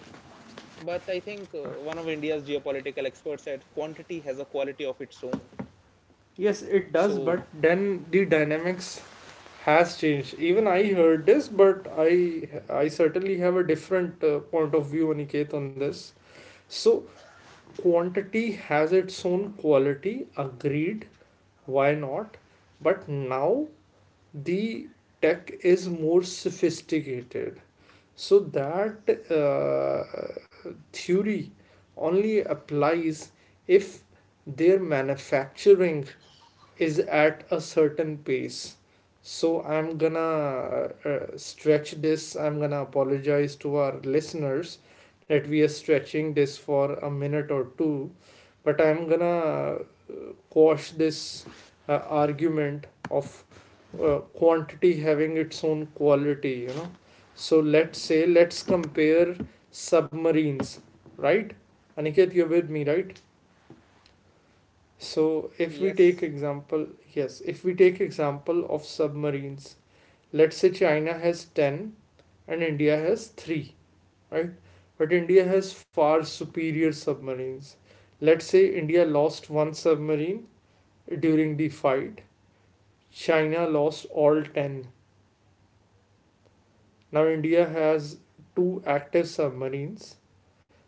[SPEAKER 1] Yes, it does, but then the dynamics has changed. Even I heard this, but I certainly have a different point of view, Aniket, on this. So quantity has its own quality. Agreed. Why not? But now the tech is more sophisticated. So that theory only applies if their manufacturing is at a certain pace. So I'm gonna stretch this. I'm gonna apologize to our listeners that we are stretching this for a minute or two, but I'm gonna quash this argument of quantity having its own quality, you know. So let's say, let's compare submarines, right? Aniket, you're with me, right? So if we take example, yes, if we take example of submarines, let's say china has 10 and india has 3, right? But india has far superior submarines. Let's say india lost one submarine during the fight. China lost all 10. Now India has two active submarines.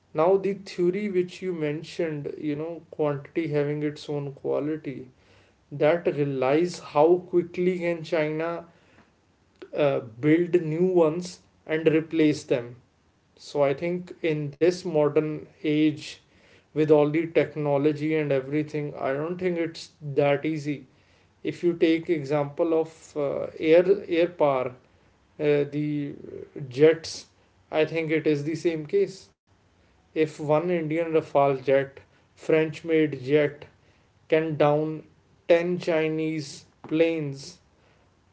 [SPEAKER 1] Now the theory which you mentioned, you know, quantity having its own quality, that relies how quickly can China build new ones and replace them. So I think in this modern age with all the technology and everything, I don't think it's that easy. If you take example of air power, the jets, I think it is the same case. If one Indian Rafale jet, French made jet, can down 10 Chinese planes,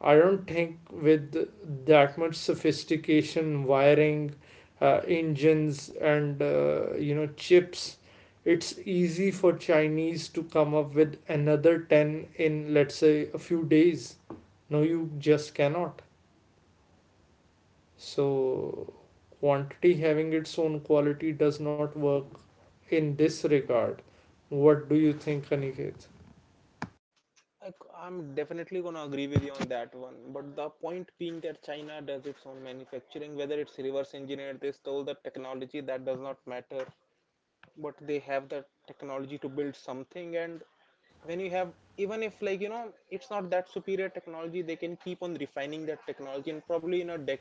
[SPEAKER 1] I don't think with that much sophistication, wiring, engines, and you know, chips, it's easy for Chinese to come up with another 10 in, let's say, a few days. No, you just cannot. So, quantity having its own quality does not work in this regard. What do you think, Aniket?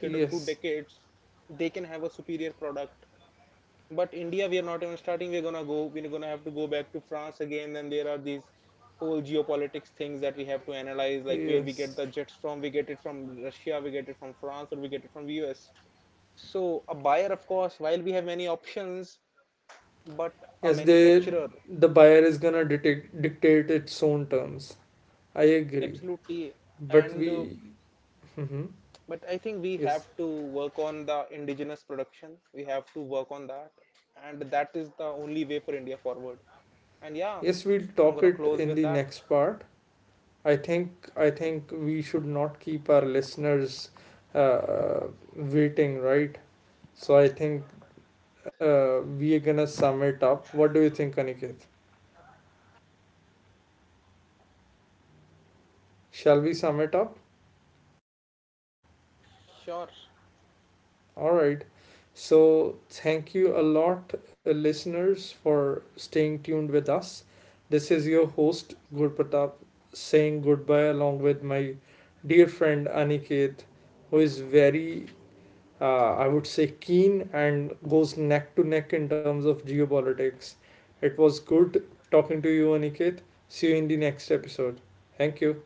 [SPEAKER 1] Yes, yes, yes. They, the buyer is gonna dictate its own terms. I agree, but we, hmm, yes, yes, we'll talk it in the next part. I think we should not keep our listeners uh, waiting, right? So I think we are gonna sum it up. What do you think, Aniket? Shall we sum it up? All right. So, thank you a lot, listeners, for staying tuned with us. This is your host, Gurpratap, saying goodbye along with my dear friend Aniket, who is very, I would say, keen and goes neck to neck in terms of geopolitics. It was good talking to you, Aniket. See you in the next episode. Thank you.